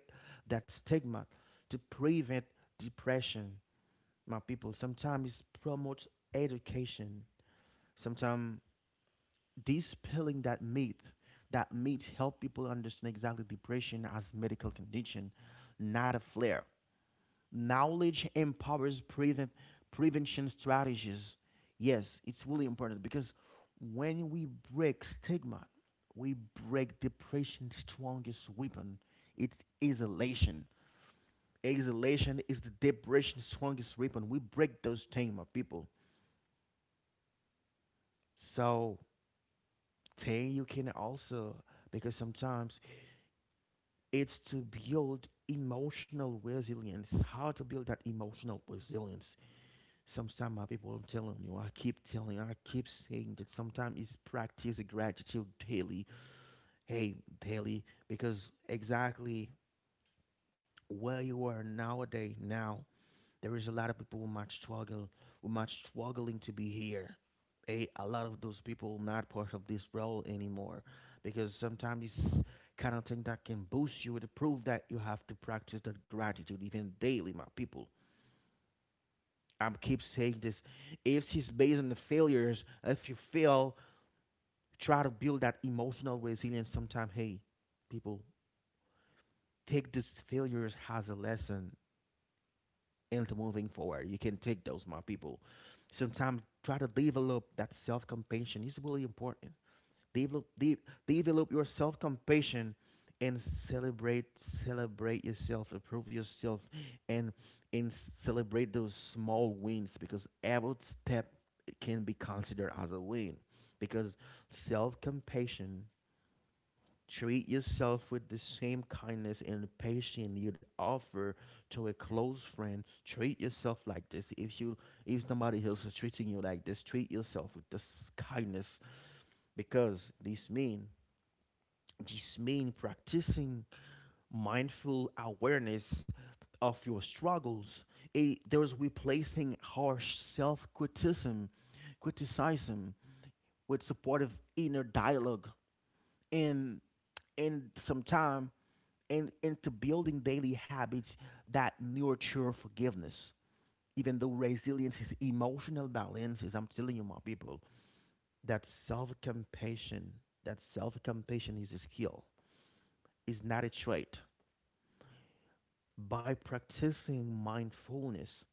Speaker 1: that stigma, to prevent depression. My people, sometimes it promotes education, sometimes dispelling that myth. That myth help people understand exactly depression as medical condition, not a flare. Knowledge empowers prevention strategies. Yes, it's really important because when we break stigma, we break depression's strongest weapon. It's isolation. Isolation is the depression's strongest weapon. We break those stigma people. So, 10, you can also, because sometimes it's to build emotional resilience. How to build that emotional resilience? Sometimes my people are telling you, I keep telling, I keep saying that sometimes it's practice gratitude daily. Hey, daily, because exactly where you are nowadays now. There is a lot of people who might struggle, who might struggling to be here. A lot of those people not part of this role anymore, because sometimes it's kind of thing that can boost you to prove that you have to practice that gratitude even daily, my people. I'm keep saying this. If it's based on the failures, if you fail, try to build that emotional resilience. Sometime, hey, people, take these failures as a lesson into moving forward. You can take those, my people. Sometimes try to develop that self compassion. It's really important. Develop, de- develop your self compassion and celebrate, celebrate yourself, approve yourself, and and celebrate those small wins, because every step can be considered as a win. Because self compassion, treat yourself with the same kindness and patience you'd offer to a close friend. Treat yourself like this. If you if somebody else is treating you like this, treat yourself with this kindness, because this mean practicing mindful awareness of your struggles. There's replacing harsh criticism with supportive inner dialogue, and and sometimes and into building daily habits that nurture forgiveness. Even though resilience is emotional balance, is I'm telling you, my people, that self compassion, that self compassion is a skill, is not a trait. By practicing mindfulness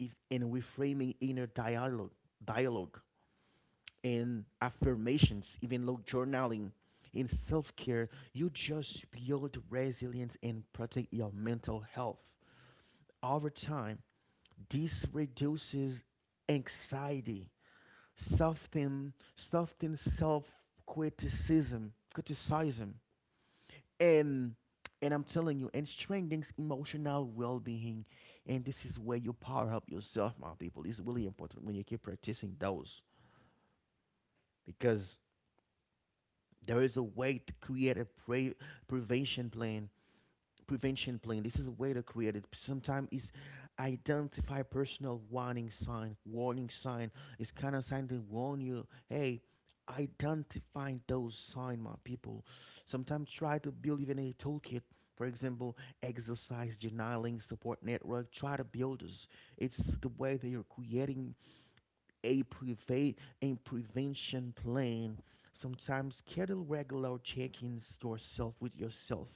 Speaker 1: if, and reframing inner dialogue and affirmations, even low journaling, in self care, you just build resilience and protect your mental health. Over time, this reduces anxiety, soften criticism, and and I'm telling you, and strengthens emotional well-being. And this is where you power up yourself, my people. It's really important when you keep practicing those, because there is a way to create prevention plan prevention plan. This is a way to create it. Sometimes it's identify personal warning sign. Warning sign is kind of sign to warn you. Hey, identifying those sign, my people. Sometimes try to build even a toolkit. For example, exercise journaling support network. Try to build this. It's the way that you're creating a prevent a prevention plan. Sometimes schedule regular check-ins yourself with yourself.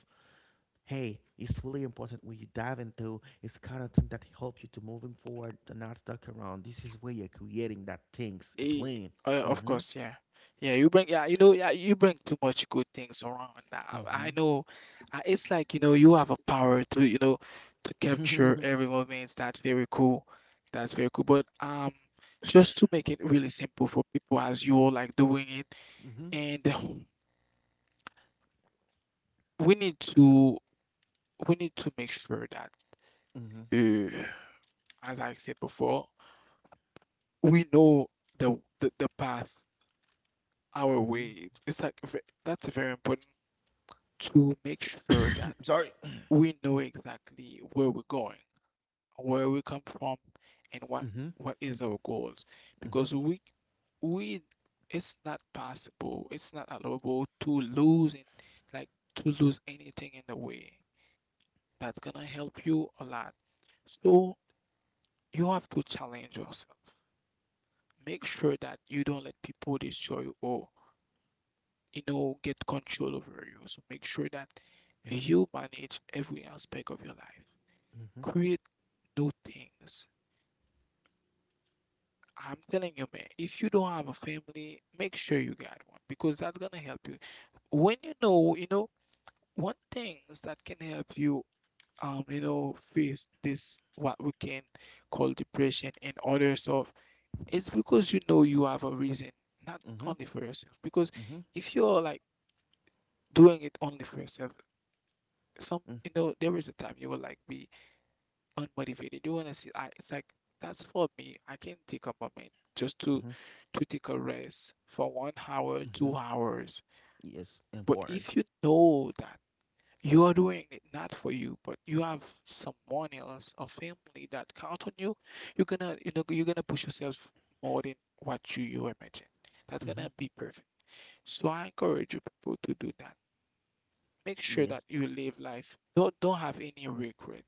Speaker 1: Hey, it's really important when you dive into, it's kind of thing that help you to moving forward and not stuck around. This is where you're creating that things, a
Speaker 2: Eh,
Speaker 1: plan.
Speaker 2: of
Speaker 1: Mm-hmm.
Speaker 2: course, yeah, yeah. You bring, yeah, you know, yeah, you bring too much good things around. Nah, I,
Speaker 1: Mm-hmm.
Speaker 2: I know, it's like you know, you have a power to, you know, to capture
Speaker 1: Mm-hmm.
Speaker 2: every moment. That's very cool. That's very cool. But just to make it really simple for people as you're like doing it, and we need to we need to make sure that,
Speaker 1: Mm-hmm.
Speaker 2: uh, as I said before, we know the path our
Speaker 1: Mm-hmm.
Speaker 2: way. It's like that's very important to make sure that
Speaker 1: Sorry.
Speaker 2: we know exactly where we're going, where we come from, and
Speaker 1: Mm-hmm.
Speaker 2: what is our goals.
Speaker 1: Mm-hmm.
Speaker 2: Because we it's not possible, it's not allowable to lose in like to lose anything in the way. That's gonna help you a lot. So you have to challenge yourself. Make sure that you don't let people destroy you or you know get control over you. So make sure that
Speaker 1: Mm-hmm.
Speaker 2: you manage every aspect of your life.
Speaker 1: Mm-hmm.
Speaker 2: Create new things. I'm telling you, man, if you don't have a family, make sure you got one because that's gonna help you. When you know, one things that can help you, you know, face this what we can call depression and other stuff, it's because you know you have a reason, not
Speaker 1: Mm-hmm.
Speaker 2: only for yourself. Because
Speaker 1: Mm-hmm.
Speaker 2: if you're like doing it only for yourself, some you know, there is a time you will like be unmotivated. They want to see. I, it's like that's for me. I can take a moment just
Speaker 1: Mm-hmm.
Speaker 2: to take a rest for 1 hour,
Speaker 1: Mm-hmm.
Speaker 2: 2 hours.
Speaker 1: Yes,
Speaker 2: But
Speaker 1: important.
Speaker 2: if you know that you are doing it not for you, but you have someone else, a family that count on you, you know you're gonna push yourself more than what you imagine. That's
Speaker 1: Mm-hmm.
Speaker 2: gonna be perfect. So I encourage you people to do that. Make sure that
Speaker 1: Yes.
Speaker 2: you live life. Don't have any regret.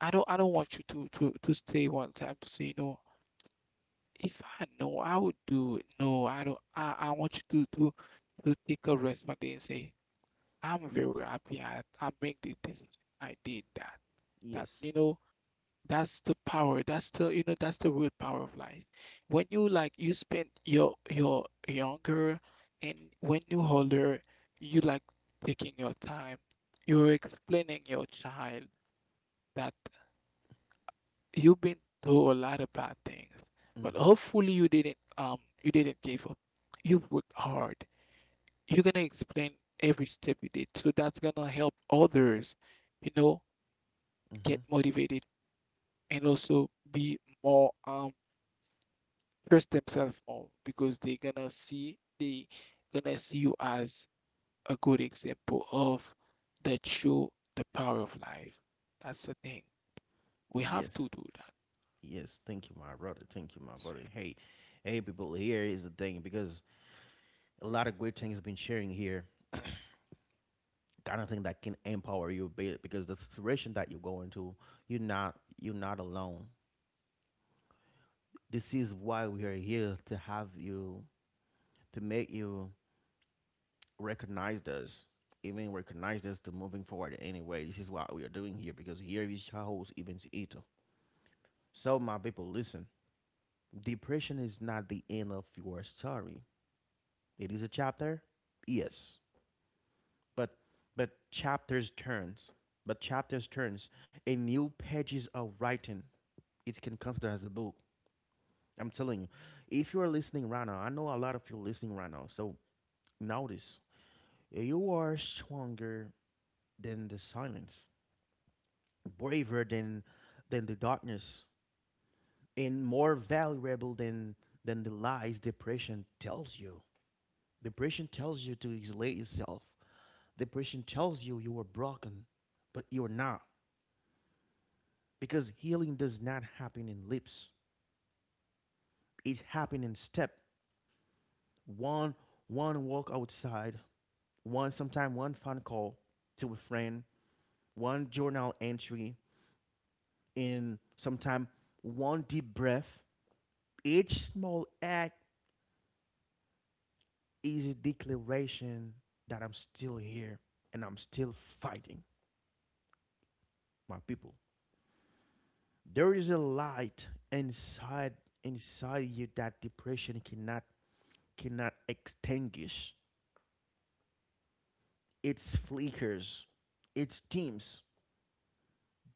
Speaker 2: I don't want you to to stay one time to say no. If I know, I would do it. No, I don't. I want you to to take a rest one day and say, I'm
Speaker 1: Yes.
Speaker 2: very happy. I make the decision. I did that. That
Speaker 1: Yes.
Speaker 2: you know, that's the power. That's the you know, that's the real power of life. When you like you spend your younger and when you older, you like taking your time. You're explaining your child that you've been through a lot of bad things, but
Speaker 1: Mm-hmm.
Speaker 2: hopefully you didn't give up. You've worked hard. You're gonna explain every step you did. So that's gonna help others, you know, get
Speaker 1: Mm-hmm.
Speaker 2: motivated and also be more trust themselves more because they're gonna see they gonna see you as a good example of that show the power of life. That's the thing. We have to
Speaker 1: Yes.
Speaker 2: do that.
Speaker 1: Yes. Thank you, my brother. Thank you, my brother. Hey, hey, people. Here is the thing, because a lot of great things has been sharing here. Kind of thing that can empower you a bit, because the situation that you go into, you're not alone. This is why we are here, to have you, to make you recognize this, even recognize this to moving forward anyway. This is what we are doing here, because here is your host Evans Ito. So my people, listen. Depression is not the end of your story. It is a chapter. Yes. But but chapters turns but chapters turns a new pages of writing. It can consider as a book. I'm telling you, if you are listening right now, I know a lot of you listening right now. So notice, you are stronger than the silence, braver than the darkness, and more valuable than the lies depression tells you. Depression tells you to isolate yourself. Depression tells you you are broken, but you're not. Because healing does not happen in lips, it happens in step. One, one walk outside, one sometime one phone call to a friend, one journal entry, in sometime one deep breath. Each small act is a declaration that I'm still here and I'm still fighting. My people, there is a light inside you that depression cannot extinguish. It's flickers, it dims,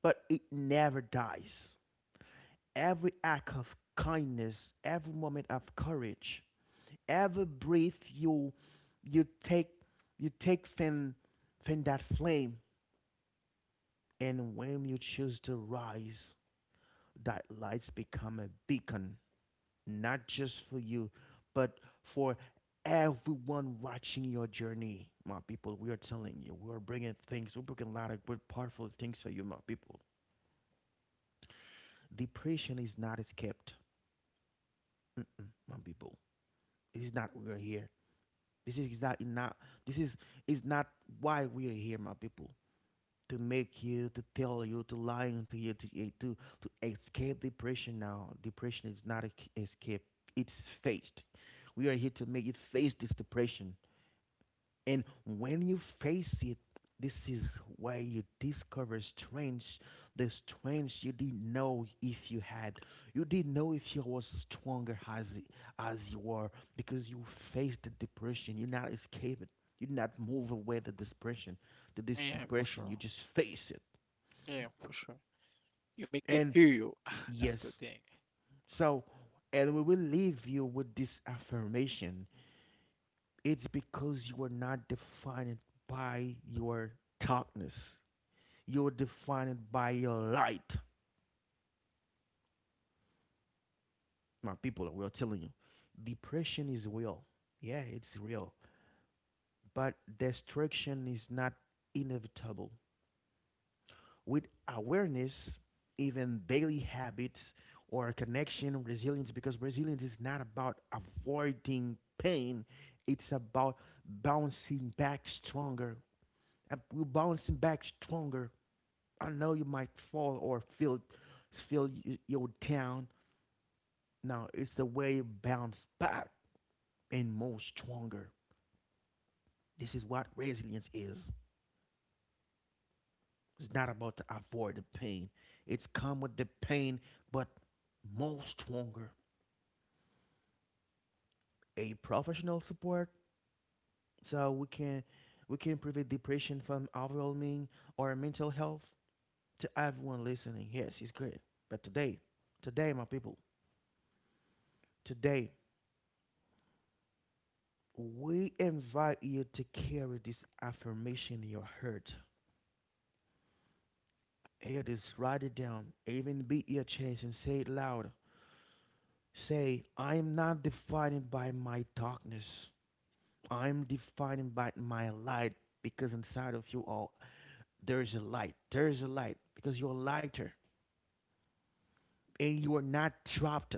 Speaker 1: but it never dies. Every act of kindness, every moment of courage, every breath you take, you take from that flame. And when you choose to rise, that lights become a beacon, not just for you, but for everyone watching your journey. My people, we are telling you, we are bringing things, we're bringing a lot of good, powerful things for you, my people. Depression is not escaped. Mm-mm, my people, it is not, we are here. This is not this is is not why we are here, my people. To make you, to tell you, to lying to you, to to escape depression. Now, depression is not a escape; it's faced. We are here to make you face this depression. And when you face it, this is where you discover strength, the strength you didn't know if you had. You didn't know if you was stronger as you were, because you faced the depression. You not escape it. You did not move away the depression, the this
Speaker 2: Yeah, for
Speaker 1: depression. You
Speaker 2: sure.
Speaker 1: just face it.
Speaker 2: Yeah, for sure. You make it
Speaker 1: And
Speaker 2: feel you. That's the
Speaker 1: yes,
Speaker 2: thing.
Speaker 1: so and we will leave you with this affirmation. It's because you are not defined by your darkness. You're defined by your light. My people, we are well telling you, depression is real. Yeah, it's real. But destruction is not inevitable. With awareness, even daily habits or connection, resilience, because resilience is not about avoiding pain, it's about bouncing back stronger. We're bouncing back stronger. I know you might fall or feel you, you're down. Now it's the way you bounce back and move stronger. This is what resilience is. It's not about to avoid the pain. It's come with the pain, but move stronger. A professional support, so we can prevent depression from overwhelming our mental health, to everyone listening. Yes, it's great. But today, today my people, today we invite you to carry this affirmation in your heart. Here, just write it down. Even beat your chest and say it loud. Say, I am not defined by my darkness. I'm defined by my light. Because inside of you all, there's a light. There's a light, because you're lighter and you are not trapped.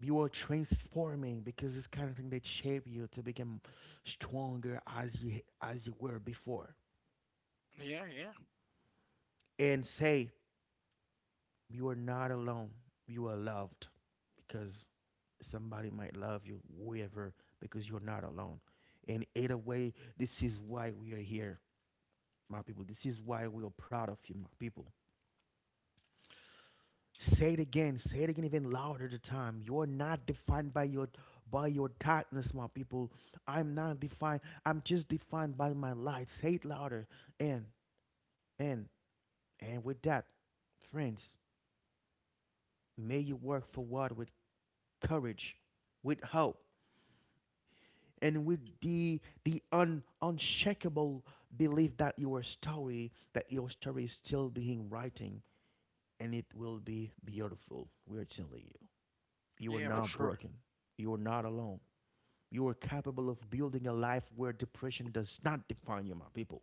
Speaker 1: You are transforming, because it's kind of thing that shape you to become stronger as you were before.
Speaker 2: Yeah, yeah.
Speaker 1: And say you are not alone. You are loved, because somebody might love you whoever, because you're not alone. And either way, this is why we are here, my people. This is why we are proud of you, my people. Say it again. Say it again, even louder. The time you're not defined by your darkness, my people. I'm not defined. I'm just defined by my light. Say it louder. And and and with that, friends, may you work forward with courage, with hope, and with unshakable belief that your story is still being writing, and it will be beautiful. We're telling you, you are
Speaker 2: Yeah, for
Speaker 1: not
Speaker 2: sure.
Speaker 1: broken, you are not alone, you are capable of building a life where depression does not define you, my people.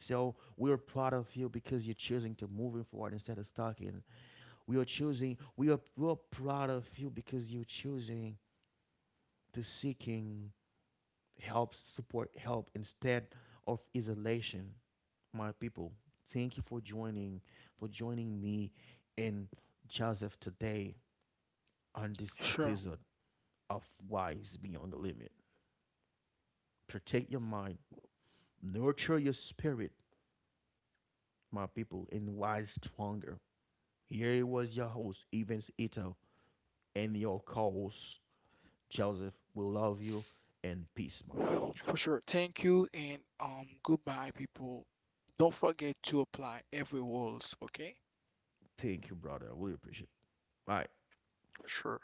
Speaker 1: So we are proud of you, because you're choosing to moving forward instead of stalking. We are choosing. We are proud of you, because you're choosing to seeking help instead of isolation. My people, thank you for joining me and Joseph today on this
Speaker 2: Sure.
Speaker 1: episode of Wise Beyond the Limit. Protect your mind, nurture your spirit, my people, and wise stronger. Here was your host, Evans Ito, and your co-host, Joseph. We love you, and peace, my people.
Speaker 2: For sure. Thank you and goodbye people. Don't forget to apply every rules, okay?
Speaker 1: Thank you, brother. I really appreciate it. Bye.
Speaker 2: For sure.